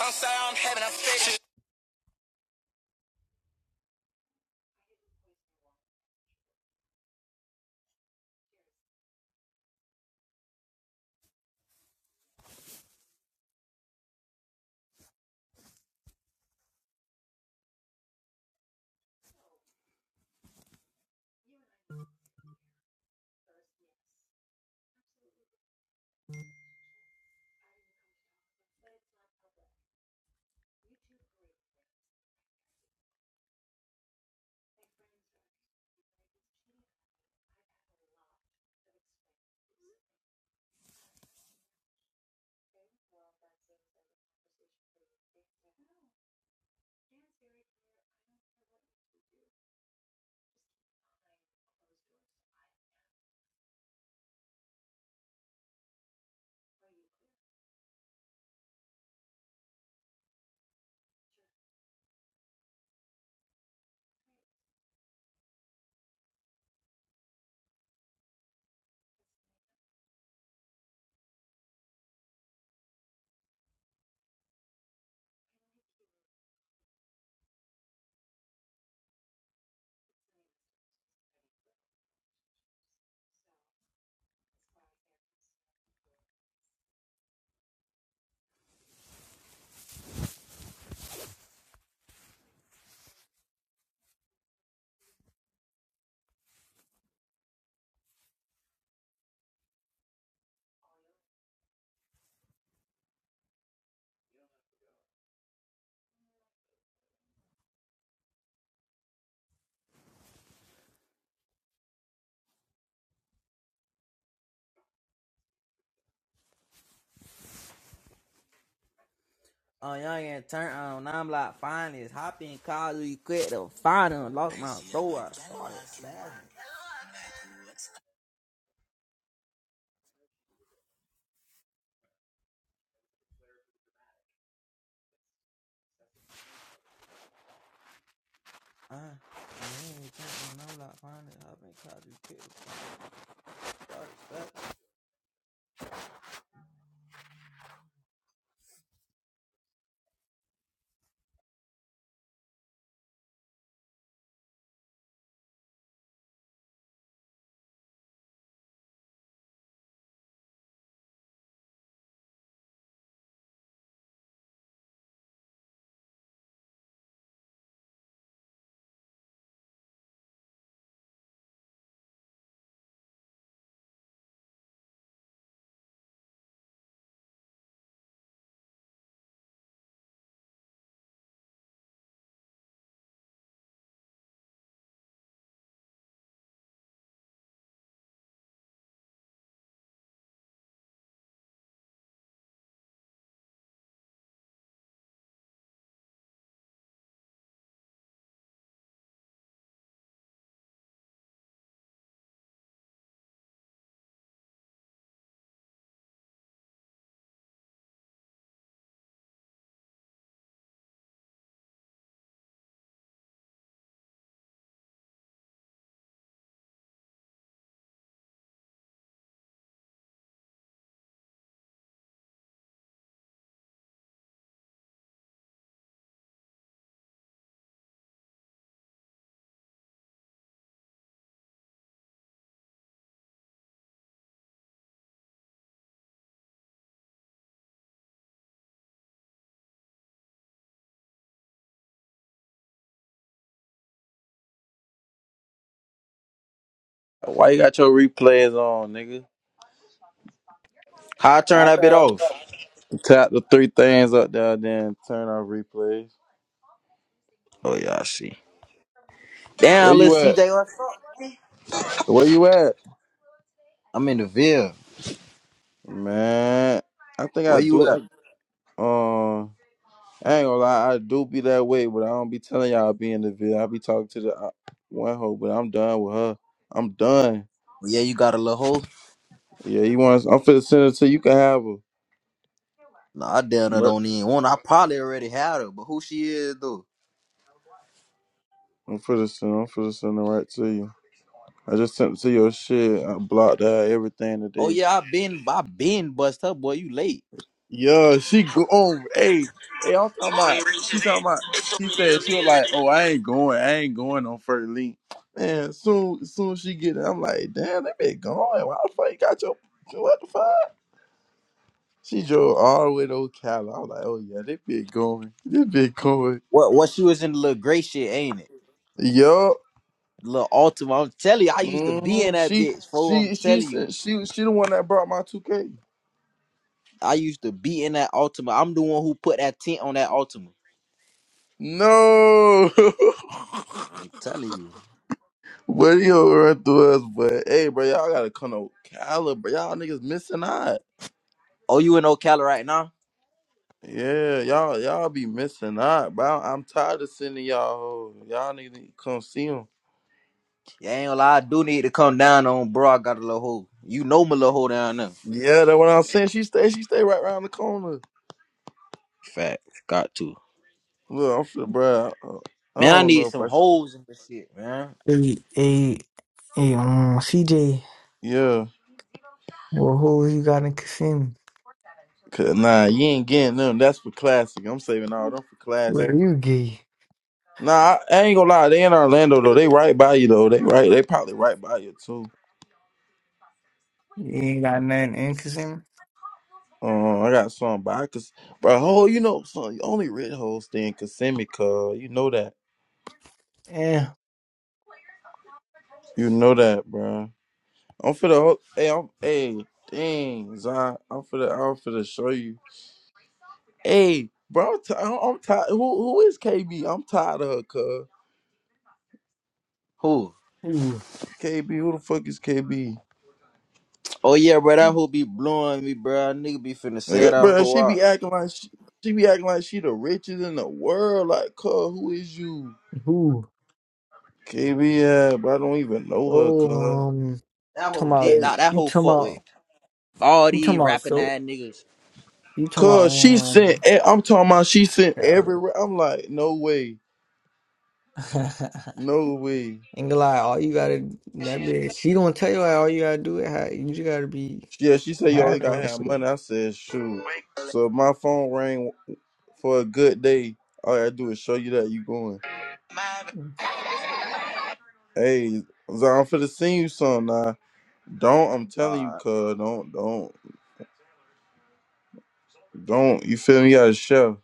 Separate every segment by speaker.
Speaker 1: I'm sorry, I'm having a Oh, young and turn on. I'm like, find this. Hop in, call you quick to find him. Lock my door. I started spazzing. Uh, like,
Speaker 2: Why you got your replays on, nigga?
Speaker 1: How I turn that bit off?
Speaker 2: Tap the three things up there, then turn off replays.
Speaker 1: Oh yeah, I see.
Speaker 2: Where
Speaker 1: Damn, little
Speaker 2: you at?
Speaker 1: CJ, what's up?
Speaker 2: Where you at?
Speaker 1: I'm in the Ville.
Speaker 2: Man, I think I
Speaker 1: Where you
Speaker 2: do. I,
Speaker 1: at?
Speaker 2: um, I ain't gonna lie, I do be that way, but I don't be telling y'all I be in the video. I be talking to the uh, one hoe, but I'm done with her. I'm done.
Speaker 1: Well, yeah, you got a little hoe?
Speaker 2: Yeah, you want? I'm finna send it to you. you Can have her.
Speaker 1: Nah, I damn her
Speaker 2: Mer-
Speaker 1: don't even want. I probably already had her, but who she is though?
Speaker 2: I'm finna send. I'm finna send it right to you. I just sent it to your shit. I blocked out everything
Speaker 1: Oh
Speaker 2: today.
Speaker 1: yeah, I been, I been bust her, boy. You late?
Speaker 2: Yeah, she go on. Hey, hey, I'm talking about. She talking about. She said she was like, "Oh, I ain't going. I ain't going on first link." Man, soon, soon she get it. I'm like, "Damn, they been going. Why the fuck you got your what the fuck?" She drove all the way to Ocala. I was like, "Oh yeah, they been going. They been going."
Speaker 1: What? What? She was in the little gray shit, ain't it?
Speaker 2: Yup.
Speaker 1: little Ultima. I'm telling you, I used to be
Speaker 2: hmm
Speaker 1: in that
Speaker 2: She,
Speaker 1: bitch. Fool, I'm
Speaker 2: she, she
Speaker 1: telling you,
Speaker 2: said she, she the one that brought my 2K.
Speaker 1: I used to be in that Ultima. I'm the one who put that tent on that Ultima.
Speaker 2: No.
Speaker 1: I'm telling you.
Speaker 2: What you run through us, but hey, bro, y'all gotta come to Ocala, bro. Y'all niggas missing out.
Speaker 1: Oh, you in Ocala right now?
Speaker 2: Yeah, y'all y'all be missing out, bro. I'm tired of sending y'all. hoes. Y'all niggas need to come see them.
Speaker 1: Yeah, ain't gonna lie, I do need to come down on, bro. I got a little hole. You know my little hole down there.
Speaker 2: Yeah, that's what I'm saying. She stay, she stay right around the corner.
Speaker 1: Fact, got to.
Speaker 2: Look, I'm sure, bro. I, I
Speaker 1: Man, I
Speaker 2: don't
Speaker 1: need
Speaker 2: know if
Speaker 1: some
Speaker 2: I.
Speaker 1: holes and this shit, man.
Speaker 3: Hey, hey, hey, um, CJ,
Speaker 2: Yeah,
Speaker 3: what hole you got in Kissimmee?
Speaker 2: cause nah, you ain't getting them. That's for classic. I'm saving all them for classic.
Speaker 3: Where you gay?
Speaker 2: Nah, I, I ain't gonna lie. They in Orlando though. They right by you though. They right. They probably right by you too.
Speaker 3: You ain't got nothing in Kissimmee?
Speaker 2: Uh, I got some, but I could, bro. Ho, you know, son, only red hoes stay in Kissimmee, cuz you know that,
Speaker 3: Yeah.
Speaker 2: you know that, bro. I'm for the, hey, I'm, hey, dang, Zion, I'm for the, I'm for the show you, hey, bro. I'm, ti- I'm, I'm tired. Who, who is KB? I'm tired of her, cuz
Speaker 1: Who?
Speaker 3: Who?
Speaker 2: KB. Who the fuck is KB?
Speaker 1: Oh yeah, bro. That hoe be blowing me, bro. Nigga be finna
Speaker 2: Like,
Speaker 1: sell
Speaker 2: uh,
Speaker 1: that
Speaker 2: bro,
Speaker 1: hoe
Speaker 2: she be
Speaker 1: out.
Speaker 2: acting like she, she be acting like she the richest in the world, like, cuz who is you?
Speaker 3: Who?
Speaker 2: KB, yeah, but I don't even know her,
Speaker 3: Oh,
Speaker 2: cuz.
Speaker 3: um,
Speaker 1: That
Speaker 3: talking
Speaker 1: hoe
Speaker 2: Hey,
Speaker 1: dick.
Speaker 3: about,
Speaker 1: That, that
Speaker 3: you
Speaker 1: hoe
Speaker 3: talking
Speaker 1: fuck with
Speaker 3: about,
Speaker 1: all
Speaker 3: you
Speaker 1: these
Speaker 3: talking about
Speaker 1: rapping
Speaker 3: soap?
Speaker 1: ass niggas.
Speaker 3: You
Speaker 2: Cause she sent,
Speaker 3: talking
Speaker 2: e- I'm talking about she sent
Speaker 3: about, um, Cali.
Speaker 2: everywhere. I'm like, no way, no way.
Speaker 3: Ain't gonna lie, all you gotta, that bitch, she gonna tell you like, all you gotta do is, have- you just gotta be,
Speaker 2: Yeah, she said you
Speaker 3: have
Speaker 2: only got
Speaker 3: that
Speaker 2: half money. I
Speaker 3: shit.
Speaker 2: said, shoot. So if my phone rang for a good day. All I gotta do is show you that you going. Hey, Zion, I'm finna send you something. Now. Don't, I'm telling
Speaker 1: Ah,
Speaker 2: you, cuz don't, don't, don't. You feel me? You gotta show.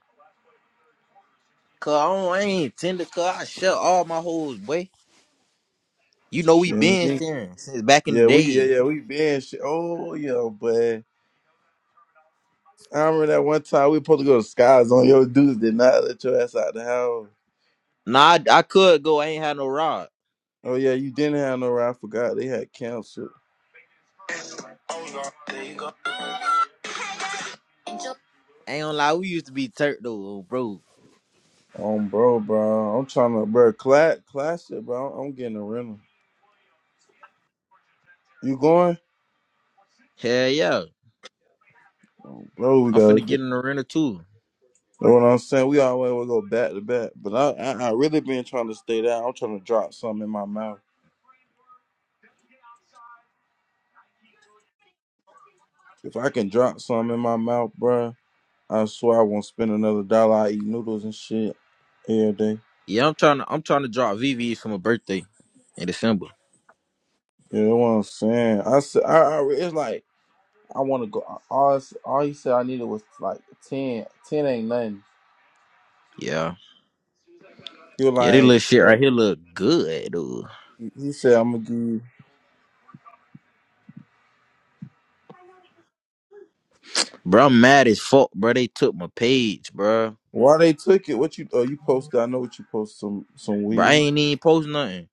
Speaker 1: Cause I, don't, I ain't tender. Cause I shut all my hoes, boy. You know we
Speaker 2: Shit,
Speaker 1: been
Speaker 2: me.
Speaker 1: sharing since back in the
Speaker 2: Yeah, we, yeah,
Speaker 1: days.
Speaker 2: yeah, we been shit. Oh, yeah, but I remember that one time we supposed to go to Sky's on your dudes did not let your ass out the house.
Speaker 1: Nah, I, I could go. I ain't had no rod.
Speaker 2: Oh yeah, you didn't have no ride. I forgot they had canceled.
Speaker 1: I ain't gonna lie. We used to be turk though, bro.
Speaker 2: Oh bro, bro, I'm trying to, bro, class, classic, bro. I'm, I'm getting a rental. You going?
Speaker 1: Hell yeah.
Speaker 2: Bro, we
Speaker 1: I'm finna
Speaker 2: got.
Speaker 1: get in the rental too.
Speaker 2: Know what I'm saying? We always will go back to back, but I, I, I really been trying to stay down. I'm trying to drop something in my mouth. If I can drop something in my mouth, bro, I swear I won't spend another dollar. I eat noodles and shit every day.
Speaker 1: Yeah, I'm trying to. I'm trying to drop VVs for my birthday in December.
Speaker 2: You know what I'm saying? I, s- I, I I, said, I, it's like I want to go. All, all he said I needed was like ten. Ten ain't nothing.
Speaker 1: Yeah.
Speaker 2: He are
Speaker 1: Yeah, this little
Speaker 2: like,
Speaker 1: shit right here look good, dude.
Speaker 2: he said, I'm gonna give you.
Speaker 1: Bro, I'm mad as fuck, bro. They took my page, bro.
Speaker 2: Why they took it? What you? Oh, you posted. I know what you posted. Some some
Speaker 1: Bro, I
Speaker 2: weed.
Speaker 1: ain't even post nothing.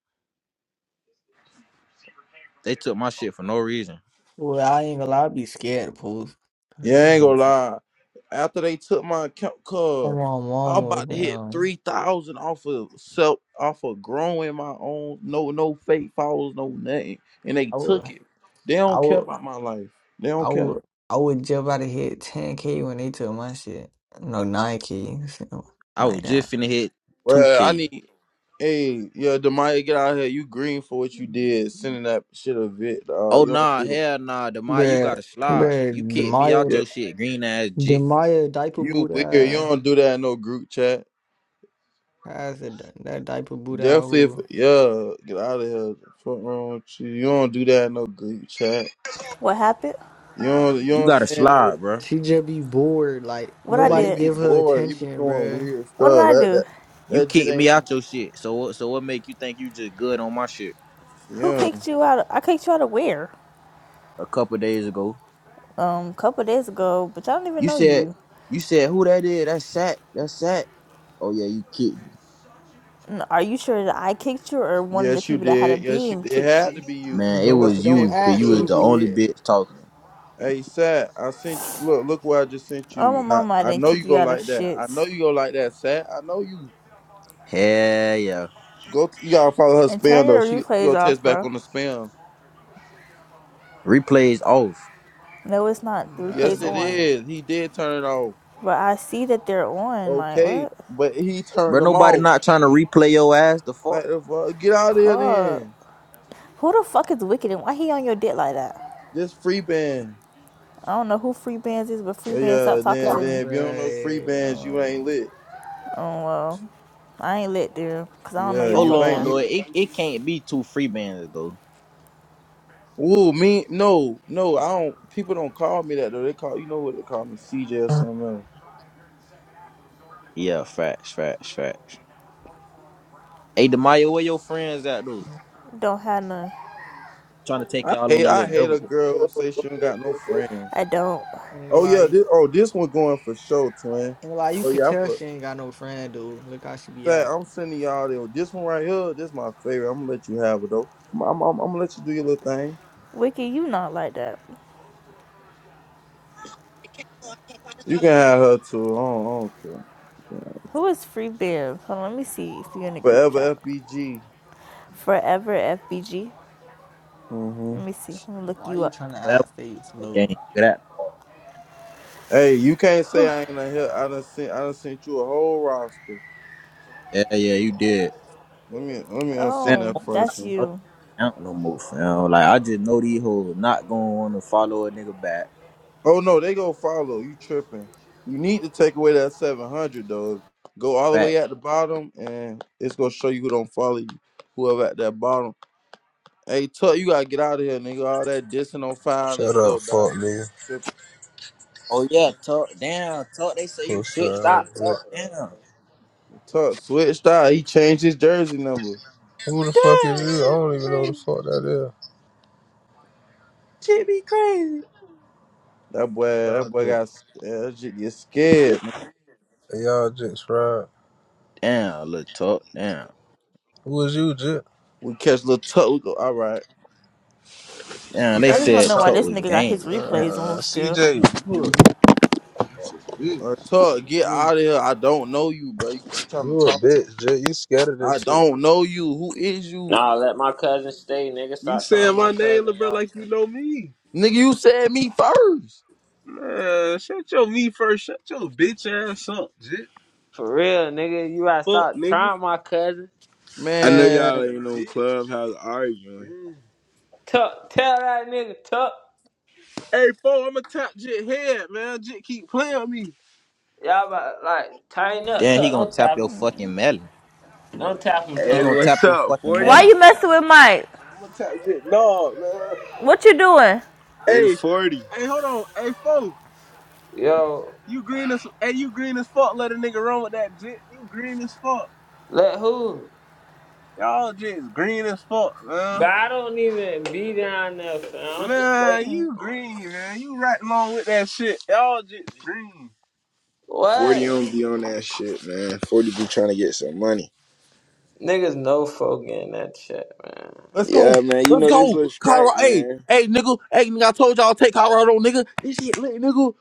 Speaker 1: They took my shit for no reason.
Speaker 3: Well, I ain't gonna lie, I be scared to post.
Speaker 2: Yeah, I ain't gonna lie. After they took my account
Speaker 3: Come
Speaker 2: card,
Speaker 3: on,
Speaker 2: I about to
Speaker 3: mama.
Speaker 2: hit
Speaker 3: Um,
Speaker 2: three thousand off of self, off of growing my own. No, no fake followers, no nothing. And they
Speaker 3: I would,
Speaker 2: took it. They
Speaker 3: I
Speaker 2: don't care
Speaker 3: would,
Speaker 2: about my life. They
Speaker 3: I
Speaker 2: don't
Speaker 3: would,
Speaker 2: care.
Speaker 3: I would jump out of hit 10K when they took my shit. No, 9K,
Speaker 1: I
Speaker 3: like
Speaker 1: was
Speaker 3: that.
Speaker 1: just finna hit
Speaker 2: Well, I
Speaker 1: 2K.
Speaker 2: need. Hey, yeah, Demaya, get out of here. You green for what you did, sending that shit a vid. Uh,
Speaker 1: Oh
Speaker 2: you don't
Speaker 1: nah,
Speaker 2: do that.
Speaker 1: hell nah, Demai, you
Speaker 3: Bruh,
Speaker 1: gotta slide. You
Speaker 3: bruh,
Speaker 1: kicked me out
Speaker 3: Demaya,
Speaker 2: Yeah.
Speaker 1: your shit, green ass jit.
Speaker 3: Demaya diaper
Speaker 2: You weird. You
Speaker 3: Buddha
Speaker 2: don't do that in no group chat.
Speaker 3: has a, that diaper Buddha out
Speaker 2: Definitely, if,
Speaker 3: who
Speaker 2: yeah, get out of here. Fuck wrong with you? You don't do that in no group chat.
Speaker 4: What happened?
Speaker 2: You don't. You
Speaker 1: You
Speaker 2: don't
Speaker 1: gotta
Speaker 2: send
Speaker 1: slide,
Speaker 2: no.
Speaker 1: bro.
Speaker 3: she just be bored. Like
Speaker 4: What
Speaker 2: Uh,
Speaker 4: I
Speaker 2: you
Speaker 3: nobody
Speaker 4: did?
Speaker 2: be
Speaker 3: give her
Speaker 2: bored. You be
Speaker 3: attention,
Speaker 2: doing
Speaker 3: bruh.
Speaker 2: weird
Speaker 4: What did
Speaker 2: stuff.
Speaker 4: I
Speaker 2: That
Speaker 4: do?
Speaker 2: that
Speaker 1: You
Speaker 2: that shit
Speaker 1: kicked me out
Speaker 2: ain't.
Speaker 1: your shit. So what? So what make you think you just good on my shit?
Speaker 4: Who
Speaker 2: Yeah.
Speaker 4: kicked you out? Of, I kicked you out of where?
Speaker 1: A couple days ago,
Speaker 4: Um, a couple of days ago, but I don't even
Speaker 1: you
Speaker 4: know
Speaker 1: said,
Speaker 4: you.
Speaker 1: you said who that is? That's Sat. That's Sat. Oh yeah, you kicked me,
Speaker 4: Are you sure that I kicked you or one of the
Speaker 2: Yes, you
Speaker 4: people that had a
Speaker 2: did. Yes, you.
Speaker 4: beam
Speaker 2: did. It
Speaker 4: kicked
Speaker 2: had to
Speaker 4: you?
Speaker 2: be you.
Speaker 1: man. It
Speaker 2: Cause
Speaker 3: Don't
Speaker 2: he
Speaker 1: was
Speaker 3: don't
Speaker 2: ain't
Speaker 1: you,
Speaker 2: finna
Speaker 1: cause
Speaker 3: act
Speaker 1: you
Speaker 2: do
Speaker 1: was
Speaker 2: it.
Speaker 1: the only
Speaker 3: stupid.
Speaker 1: bitch talking.
Speaker 2: Hey, Sat, I sent you. Look, look what I just sent
Speaker 4: Oh, my
Speaker 2: you. Now
Speaker 4: mama, I
Speaker 2: I
Speaker 4: didn't
Speaker 2: know
Speaker 4: kick
Speaker 2: you
Speaker 4: you
Speaker 2: go
Speaker 4: out of
Speaker 2: like that.
Speaker 4: shit.
Speaker 2: I know you go like that, Sat. I know you
Speaker 1: Hell yeah.
Speaker 2: go. To, you gotta follow her
Speaker 4: And turn
Speaker 2: spam though.
Speaker 4: your
Speaker 2: She, she
Speaker 4: replays
Speaker 2: go
Speaker 4: off,
Speaker 2: test back
Speaker 4: bro.
Speaker 2: on the spam.
Speaker 1: Replays off,
Speaker 4: No, it's not. The
Speaker 3: Nah,
Speaker 2: Yes,
Speaker 3: that
Speaker 4: replays
Speaker 3: be
Speaker 2: it
Speaker 4: on.
Speaker 3: on,
Speaker 2: is. He did turn it off.
Speaker 4: But I see that they're on. Like,
Speaker 2: Okay,
Speaker 4: what?
Speaker 2: but he
Speaker 1: bro.
Speaker 2: turned them
Speaker 1: Nobody
Speaker 2: off.
Speaker 1: not trying to replay your ass. The fuck.
Speaker 2: Like the fuck? Get out of here
Speaker 4: Call.
Speaker 2: then.
Speaker 4: Who the fuck is Wicked and why he on your dick like that?
Speaker 2: Just free band.
Speaker 4: I don't know who Free Bands is, but Free Bands, stop
Speaker 2: Yeah,
Speaker 4: talking
Speaker 2: then
Speaker 4: to me.
Speaker 2: then if you don't know free bands, you ain't
Speaker 3: bruh.
Speaker 2: lit.
Speaker 4: Oh well, I ain't lit there, cause I don't know
Speaker 2: Yeah,
Speaker 4: your
Speaker 1: Hold
Speaker 2: you
Speaker 4: fuck
Speaker 2: ain't
Speaker 1: on,
Speaker 4: eye.
Speaker 2: you.
Speaker 1: though. It it can't be two free bands though.
Speaker 2: Ooh, me no no. I don't. People don't call me that though. They call you know what they call me CJ or something else.
Speaker 1: Yeah, facts, facts, facts. Hey, Demayo, where your friends at, dude?
Speaker 4: Don't have none.
Speaker 1: Trying to take
Speaker 2: I
Speaker 1: y'all on
Speaker 2: hate
Speaker 1: a
Speaker 2: I
Speaker 1: little
Speaker 2: hate
Speaker 1: double
Speaker 2: a
Speaker 1: date
Speaker 2: girl who say she don't got no friend.
Speaker 4: I don't.
Speaker 2: Oh yeah,
Speaker 3: Um,
Speaker 2: this oh this one going for show twin.
Speaker 3: And Like you
Speaker 2: Oh
Speaker 3: could
Speaker 2: yeah, I
Speaker 3: tell
Speaker 2: for
Speaker 3: she ain't got no friend, dude. Look how she be
Speaker 2: Say,
Speaker 3: acting.
Speaker 2: I'm sending y'all the- this one right here. This my favorite. I'm gonna let you have it though. I'm, I'm, I'm, I'm gonna let you do your little thing.
Speaker 4: Wiki, you not like that.
Speaker 2: You can have her too. I don't, I don't care. Yeah.
Speaker 4: Who is Free Bear? Hold on, let me see if you are in the group chat.
Speaker 2: Forever FBG.
Speaker 4: Forever FBG.
Speaker 2: hmm
Speaker 4: Let me see. Let me look
Speaker 3: Why
Speaker 4: you
Speaker 3: you trying
Speaker 4: up.
Speaker 3: to
Speaker 1: forever
Speaker 3: act fake,
Speaker 1: game
Speaker 3: Lou?
Speaker 1: for that part.
Speaker 2: Hey, you can't say I ain't a here. I done sent. I done sent you a whole roster.
Speaker 1: Yeah, yeah, you did.
Speaker 2: Let me let me
Speaker 1: Man,
Speaker 2: unsend
Speaker 4: Oh,
Speaker 2: that
Speaker 1: I
Speaker 2: first
Speaker 4: that's
Speaker 2: one.
Speaker 1: don't
Speaker 4: you.
Speaker 1: I do no more, fam. Like, I just know these hoes not going to want to follow a nigga back.
Speaker 2: Oh no, they go follow. You tripping? You need to take away that seven hundred though. Go all the
Speaker 1: Fact.
Speaker 2: way at the bottom, and it's gonna show you who don't follow you. Whoever at that bottom. Hey, Tuck, you gotta get out of here, nigga. All that dissing on fire, nigga.
Speaker 5: Shut
Speaker 2: You
Speaker 5: up,
Speaker 2: go die,
Speaker 5: fuck nigga.
Speaker 2: nigga.
Speaker 1: Oh, yeah, talk down. Talk, they say you
Speaker 5: Pussy
Speaker 1: switched out.
Speaker 5: ass bitch.
Speaker 1: Talk down.
Speaker 2: Tuck switched out. He changed his jersey number.
Speaker 5: Who the fuck is you? I don't even know who the fuck that is.
Speaker 2: That boy,
Speaker 5: Y'all
Speaker 2: that boy got
Speaker 5: just,
Speaker 2: s- yeah, that shit get scared. Man.
Speaker 5: y'all just fried.
Speaker 1: Damn, little talk down.
Speaker 5: Who is you, Jit?
Speaker 2: We catch little Tuck. We go, all right,
Speaker 1: Damn,
Speaker 5: Who
Speaker 1: they
Speaker 4: I
Speaker 5: that
Speaker 4: just wanna
Speaker 1: said
Speaker 5: is
Speaker 4: know why
Speaker 1: talk
Speaker 4: this
Speaker 5: talking?
Speaker 1: was
Speaker 4: nigga got his
Speaker 1: game. Damn.
Speaker 4: replays on
Speaker 5: Uh,
Speaker 4: still.
Speaker 5: CJ, you a bitch.
Speaker 2: uh, Tuck, get
Speaker 5: man.
Speaker 2: out of here. I don't know you, bro. You keep trying
Speaker 5: You
Speaker 2: to
Speaker 5: a
Speaker 2: talk.
Speaker 5: bitch, Jit. You scared of
Speaker 2: I
Speaker 5: this shit,
Speaker 2: don't
Speaker 5: bro.
Speaker 2: know you. Who is you,
Speaker 6: Nah, let my cousin stay, nigga.
Speaker 5: You
Speaker 6: Stop trying
Speaker 5: saying
Speaker 6: my
Speaker 5: my name,
Speaker 6: cousin,
Speaker 5: little bro,
Speaker 6: y'all.
Speaker 5: like
Speaker 6: tri-
Speaker 5: you know me.
Speaker 2: nigga? You said me first,
Speaker 5: Man, shut your me first. Shut your bitch ass up, Jit.
Speaker 6: For real, nigga, you gotta
Speaker 5: Fuck,
Speaker 6: stop
Speaker 5: nigga.
Speaker 6: trying my cousin.
Speaker 5: I know
Speaker 2: man.
Speaker 5: y'all ain't on Clubhouse arguing. Mm.
Speaker 6: Tuck, tell that nigga Tuck.
Speaker 5: Hey, fool, I'm a top Jit head, man. Jit keep playing with me.
Speaker 6: Y'all about like tighten up,
Speaker 1: Damn, he
Speaker 6: Tuck.
Speaker 1: gonna
Speaker 6: Don't
Speaker 1: tap
Speaker 6: tap
Speaker 1: your
Speaker 6: him.
Speaker 1: fucking melon.
Speaker 6: Don't tap him,
Speaker 1: He
Speaker 5: Hey,
Speaker 6: Tuck.
Speaker 1: gonna tap
Speaker 5: what's
Speaker 1: your
Speaker 5: up,
Speaker 1: fucking
Speaker 4: Why
Speaker 5: forty?
Speaker 1: melon.
Speaker 4: you messing with Mike?
Speaker 5: What type of No, man.
Speaker 4: What you doing?
Speaker 5: Hey, Hey, forty. hey, hold on. Hey, fo,
Speaker 6: Yo,
Speaker 5: you green as hey, you green as fuck. Let a nigga run with that jit. You green as fuck.
Speaker 6: let who?
Speaker 5: Y'all just green as fuck,
Speaker 6: But
Speaker 5: man.
Speaker 6: I don't even be down there, fam. I'm
Speaker 5: Man,
Speaker 6: straight.
Speaker 5: you green, man. You right along with that shit. Y'all just green. Forty
Speaker 6: What?
Speaker 5: don't be on that shit, man. Forty be trying to get some money.
Speaker 6: Niggas no folk in that shit, man.
Speaker 2: Let's go.
Speaker 5: Yeah, man. You
Speaker 2: Let's
Speaker 5: know this
Speaker 2: go.
Speaker 5: little
Speaker 2: Colorado.
Speaker 5: strike,
Speaker 2: Hey,
Speaker 5: man.
Speaker 2: hey, nigga. Hey, nigga. I told y'all I'll take Colorado, nigga. This shit lit, nigga.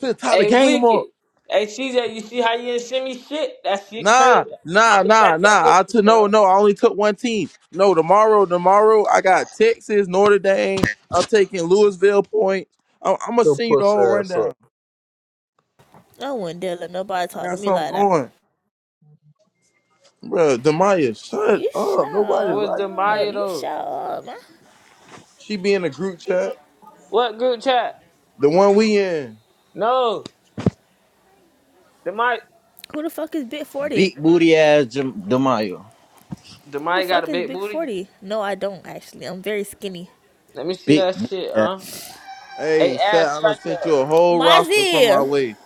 Speaker 2: Finna tie the
Speaker 6: Hey,
Speaker 2: game up.
Speaker 6: Wicked. Hey, CJ, you see how you didn't send me shit? That shit
Speaker 2: Nah,
Speaker 6: crazy.
Speaker 2: nah,
Speaker 6: I'ma
Speaker 2: nah,
Speaker 6: catch up with
Speaker 2: nah. I
Speaker 6: you,
Speaker 2: took no,
Speaker 6: cuz.
Speaker 2: no. I only took one team. No, tomorrow, tomorrow I got Texas, Notre Dame. I'm taking Louisville points. I'm, I'm gonna
Speaker 5: Your
Speaker 2: send you the
Speaker 5: pussy
Speaker 2: whole
Speaker 5: ass up.
Speaker 2: rundown.
Speaker 4: I wouldn't dare let nobody
Speaker 2: I
Speaker 4: talk to
Speaker 2: got
Speaker 4: me
Speaker 2: something
Speaker 4: like that.
Speaker 2: going, bro. Demaya, shut
Speaker 4: You
Speaker 2: up.
Speaker 4: shut
Speaker 2: Nobody
Speaker 6: Who's
Speaker 2: like you.
Speaker 4: up.
Speaker 6: Demaya
Speaker 4: You
Speaker 6: though?
Speaker 4: shut up, man.
Speaker 2: she be in the group chat.
Speaker 6: What group chat?
Speaker 2: The one we in.
Speaker 6: No, Demaya.
Speaker 4: Who the fuck is Big 40?
Speaker 1: Big booty ass Jam- Demayo.
Speaker 4: Who the
Speaker 6: Demaya got a
Speaker 4: fuck is
Speaker 6: big
Speaker 4: Big
Speaker 6: booty.
Speaker 4: 40? No, I don't actually. I'm very skinny.
Speaker 6: Let me see
Speaker 1: Big
Speaker 6: that shit,
Speaker 1: booty.
Speaker 6: huh? Hey,
Speaker 2: Hey, Sat,
Speaker 6: ass
Speaker 2: I done
Speaker 6: strike
Speaker 2: sent you
Speaker 6: up.
Speaker 2: a whole roster from my
Speaker 4: Mozzie!
Speaker 2: way.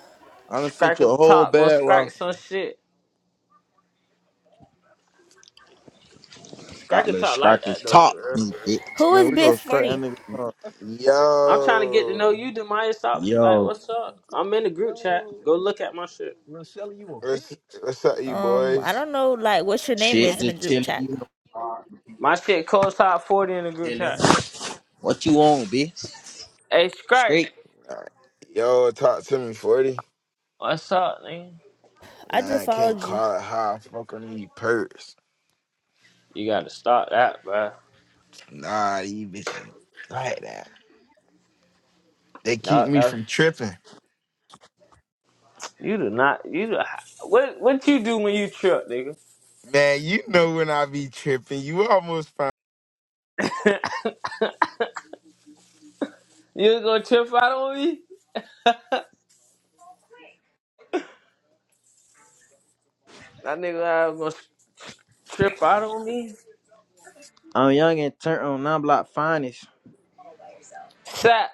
Speaker 2: I done sent you a whole
Speaker 6: talk, gonna
Speaker 2: bad
Speaker 6: strike
Speaker 2: roster.
Speaker 6: some shit. Strike
Speaker 1: Got little
Speaker 6: talk like
Speaker 1: scracker
Speaker 6: that though, for
Speaker 1: talk,
Speaker 6: real,
Speaker 1: me,
Speaker 6: for real.
Speaker 1: bitch.
Speaker 4: Who
Speaker 2: Man,
Speaker 4: is
Speaker 2: we
Speaker 4: Big
Speaker 2: go straight that
Speaker 4: 40?
Speaker 2: nigga. up.
Speaker 6: I'm trying to get to know
Speaker 7: Yo,
Speaker 6: you, Demaya. Stop, like,
Speaker 1: Yo,
Speaker 6: what's up? I'm in the group chat.
Speaker 7: Yo,
Speaker 6: Go look at my shit.
Speaker 7: Lil Shelly, you a what's bitch. what's up, you
Speaker 4: Um, I
Speaker 7: boys?
Speaker 4: don't know like what your name
Speaker 1: shit,
Speaker 4: is in the
Speaker 1: just
Speaker 4: group
Speaker 1: chilling.
Speaker 4: chat.
Speaker 1: You know,
Speaker 6: My shit cold top 40 in the group
Speaker 1: chilling.
Speaker 6: chat.
Speaker 1: What you want, bitch?
Speaker 6: Hey, Strike,
Speaker 1: Straight.
Speaker 7: Alright. Yo, talk to me, forty.
Speaker 6: what's up, nigga?
Speaker 4: I
Speaker 7: Nah,
Speaker 4: just
Speaker 7: I can't
Speaker 4: followed you.
Speaker 7: call it how I fuck on these perks.
Speaker 6: You gotta stop that, bruh.
Speaker 7: Nah, these bitches like that. They keep
Speaker 6: No,
Speaker 7: me
Speaker 6: that
Speaker 7: from tripping.
Speaker 6: you do not. You do, what? What you do when you trip, nigga?
Speaker 7: Man, you know when I be tripping, you almost find.
Speaker 6: You gonna trip out on me? That nigga uh, gonna trip out on me?
Speaker 1: I'm young and turn on non block finest.
Speaker 6: Sap.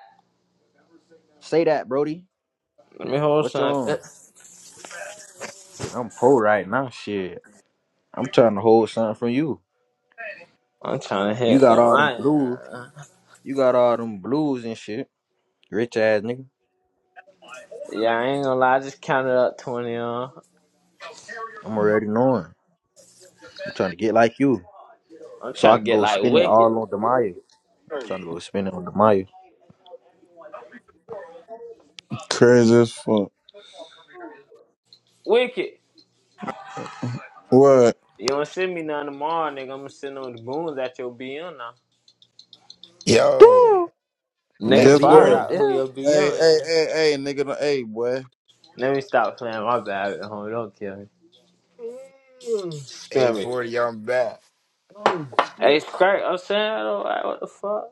Speaker 1: Say that, Brody.
Speaker 6: Let me hold
Speaker 1: What you
Speaker 6: something.
Speaker 1: on? Shit, I'm poor right now, shit. I'm trying to hold something from you.
Speaker 6: I'm trying to
Speaker 1: You
Speaker 6: hit the
Speaker 1: got all them
Speaker 6: line.
Speaker 1: blues. You got all them blues and shit. Rich ass nigga.
Speaker 6: Yeah, I ain't gonna lie. I just counted up 20 on.
Speaker 1: I'm already knowing. I'm trying to get like you.
Speaker 6: I'm
Speaker 1: So I
Speaker 6: trying to
Speaker 1: could
Speaker 6: get
Speaker 1: go
Speaker 6: like
Speaker 1: spin it
Speaker 6: wicked.
Speaker 1: all on Demaya. I'm trying to go spin it on Demaya.
Speaker 2: Crazy as fuck.
Speaker 6: Wicked.
Speaker 2: What?
Speaker 6: You don't send me none tomorrow, nigga. I'm gonna send them the goons at your BM now.
Speaker 7: Yo,
Speaker 1: Damn.
Speaker 6: Nigga,
Speaker 1: At
Speaker 7: a
Speaker 2: Guess
Speaker 6: find
Speaker 2: what?
Speaker 1: BM,
Speaker 7: forty,
Speaker 6: out who
Speaker 1: damn.
Speaker 6: your
Speaker 2: Hey, hey,
Speaker 6: BM is.
Speaker 2: hey, hey, nigga, no- hey, boy.
Speaker 6: Let me stop playing my bad at home. Don't kill me.
Speaker 7: Mm. a
Speaker 6: Spare me.
Speaker 7: forty, I'm back. Oh
Speaker 6: Hey,
Speaker 7: shit.
Speaker 6: Skirt, I'm saying, I don't like what the fuck.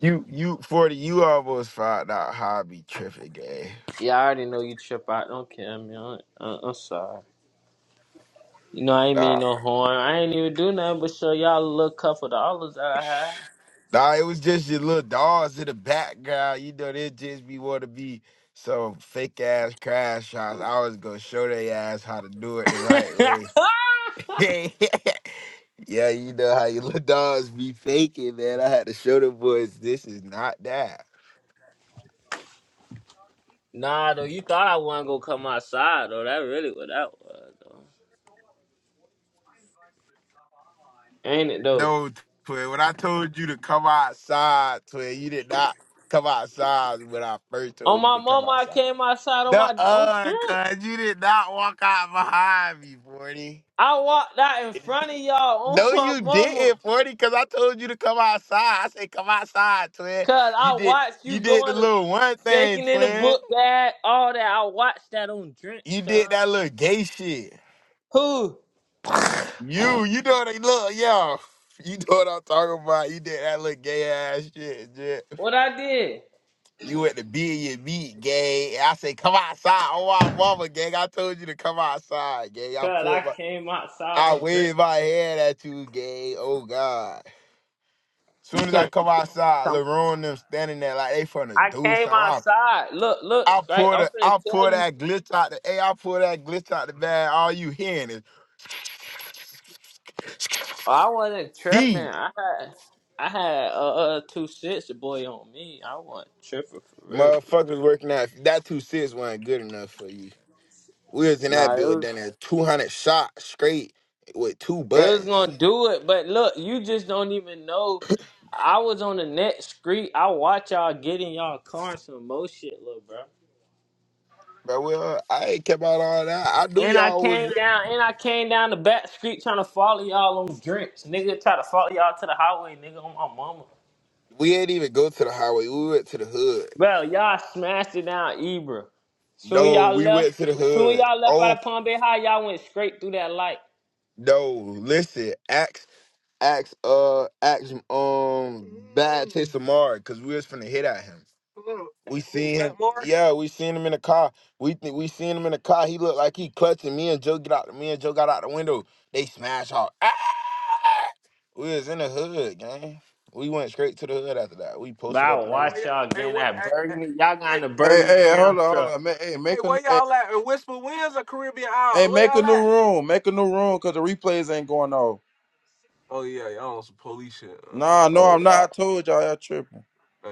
Speaker 7: You, you forty, you almost found out how I be tripping, gay.
Speaker 6: Yeah, I already know you trip out. Don't care, man. I, I'm sorry. You know, I ain't mean no harm. I ain't even do nothing but show y'all a little cup of the olives that I
Speaker 7: Nah, it was just your little dogs in the background. You know, they just be want to be some fake ass crash shots. I was gonna show they ass how to do it the
Speaker 6: had.
Speaker 7: right way. yeah, you know how your little dogs be faking, man. I had to show the boys this is not that.
Speaker 6: nah, though, you thought I wasn't gonna come outside, though. That really what that was, though. Ain't it, though?
Speaker 7: No, twin. When I told you to come outside, twin, you did not come outside when I first
Speaker 6: On
Speaker 7: told you
Speaker 6: my
Speaker 7: to come
Speaker 6: mama, I
Speaker 7: outside.
Speaker 6: came outside on
Speaker 7: No,
Speaker 6: my on
Speaker 7: uh,
Speaker 6: drink.
Speaker 7: cuz you did not walk out behind me, 40.
Speaker 6: I walked out in front of y'all on
Speaker 7: No,
Speaker 6: my
Speaker 7: you
Speaker 6: mama.
Speaker 7: didn't, 40, because I told you to come outside. I said come outside, twin.
Speaker 6: Cause
Speaker 7: You
Speaker 6: I
Speaker 7: did
Speaker 6: watched
Speaker 7: you
Speaker 6: you
Speaker 7: did the
Speaker 6: going to
Speaker 7: little one thing,
Speaker 6: faking in the
Speaker 7: twin.
Speaker 6: book bag, all that. I watched that on drinks,
Speaker 7: You did
Speaker 6: cuz.
Speaker 7: that little gay shit.
Speaker 6: Who?
Speaker 7: You, you know what I look, yo. You know what I'm talking about. You did that little gay ass shit, jet.
Speaker 6: What I did?
Speaker 7: You went to be in your meat, gay. And I said, come outside. Oh my mama, gang. I told you to come outside, gang. I
Speaker 6: Cause I
Speaker 7: pulled my
Speaker 6: came outside
Speaker 7: I
Speaker 6: on drink.
Speaker 7: waved my hand at you, gay. Oh God.
Speaker 6: You
Speaker 7: Soon as I
Speaker 6: can't
Speaker 7: come outside,
Speaker 6: come
Speaker 7: LaRon
Speaker 6: outside.
Speaker 7: and them standing there like they finna
Speaker 6: I
Speaker 7: do
Speaker 6: came
Speaker 7: something. I,
Speaker 6: outside. Look,
Speaker 7: I
Speaker 6: look, straight.
Speaker 7: pull
Speaker 6: I'm
Speaker 7: the
Speaker 6: finna
Speaker 7: I
Speaker 6: tell
Speaker 7: pull
Speaker 6: you.
Speaker 7: that glitch out the hey, I pull that glitch out the bag. All you hearing is
Speaker 6: I wasn't tripping.
Speaker 7: feed.
Speaker 6: I had, I had uh, uh two six boy on me. I wasn't tripping for real, for real.
Speaker 7: Motherfuckers working out. That two six wasn't good enough for you. We was in that
Speaker 6: Nah, it was,
Speaker 7: building at 200 shots straight with two
Speaker 6: it was
Speaker 7: buttons.
Speaker 6: gonna do it. But look, you just don't even know. I was on the next street. I watch y'all get in y'all car and some more shit, little bro.
Speaker 7: But well, I ain't kept out all that. I knew
Speaker 6: And I
Speaker 7: y'all was
Speaker 6: came down, and I came down the back street trying to follow y'all on drinks. Nigga try to follow y'all to the highway, nigga, on my mama.
Speaker 7: we ain't even go to the highway. We went to the hood.
Speaker 6: Bro, y'all smashed it down Ebra. Soon
Speaker 7: No,
Speaker 6: y'all
Speaker 7: we
Speaker 6: left,
Speaker 7: went to the
Speaker 6: soon
Speaker 7: hood.
Speaker 6: y'all left out
Speaker 7: Oh
Speaker 6: of Palm Bay High, y'all went straight through that light.
Speaker 7: no, listen, ask ask uh ask um bad taste of Mark because we was finna hit at him. We seen him. Yeah, we seen him in the car. We think we seen him in the car. He looked like he clutching me and Joe get out. Me and Joe got out the window. They smash hard. Ah! We was in the hood, gang. We went straight to the hood after that. We
Speaker 6: But
Speaker 7: posted
Speaker 6: I
Speaker 7: up and all.
Speaker 6: watch y'all getting that
Speaker 7: at?
Speaker 6: burgundy. Y'all got in
Speaker 7: at?
Speaker 6: the
Speaker 2: Hey,
Speaker 6: burgundy
Speaker 2: hey,
Speaker 6: round
Speaker 2: hold on, hold
Speaker 6: truck.
Speaker 2: on. Ma- Hey, make a, new- hey,
Speaker 7: In Whisper Winds or Caribbean
Speaker 2: hey,
Speaker 7: Isles? Where
Speaker 2: make a
Speaker 7: y'all
Speaker 2: new
Speaker 7: y'all
Speaker 2: room, make a new room, cause the replays ain't going off.
Speaker 7: Oh yeah, y'all on some police shit. Uh,
Speaker 2: Nah, no, I'm not.
Speaker 7: Oh,
Speaker 2: I told y'all, y'all tripping.
Speaker 7: yeah.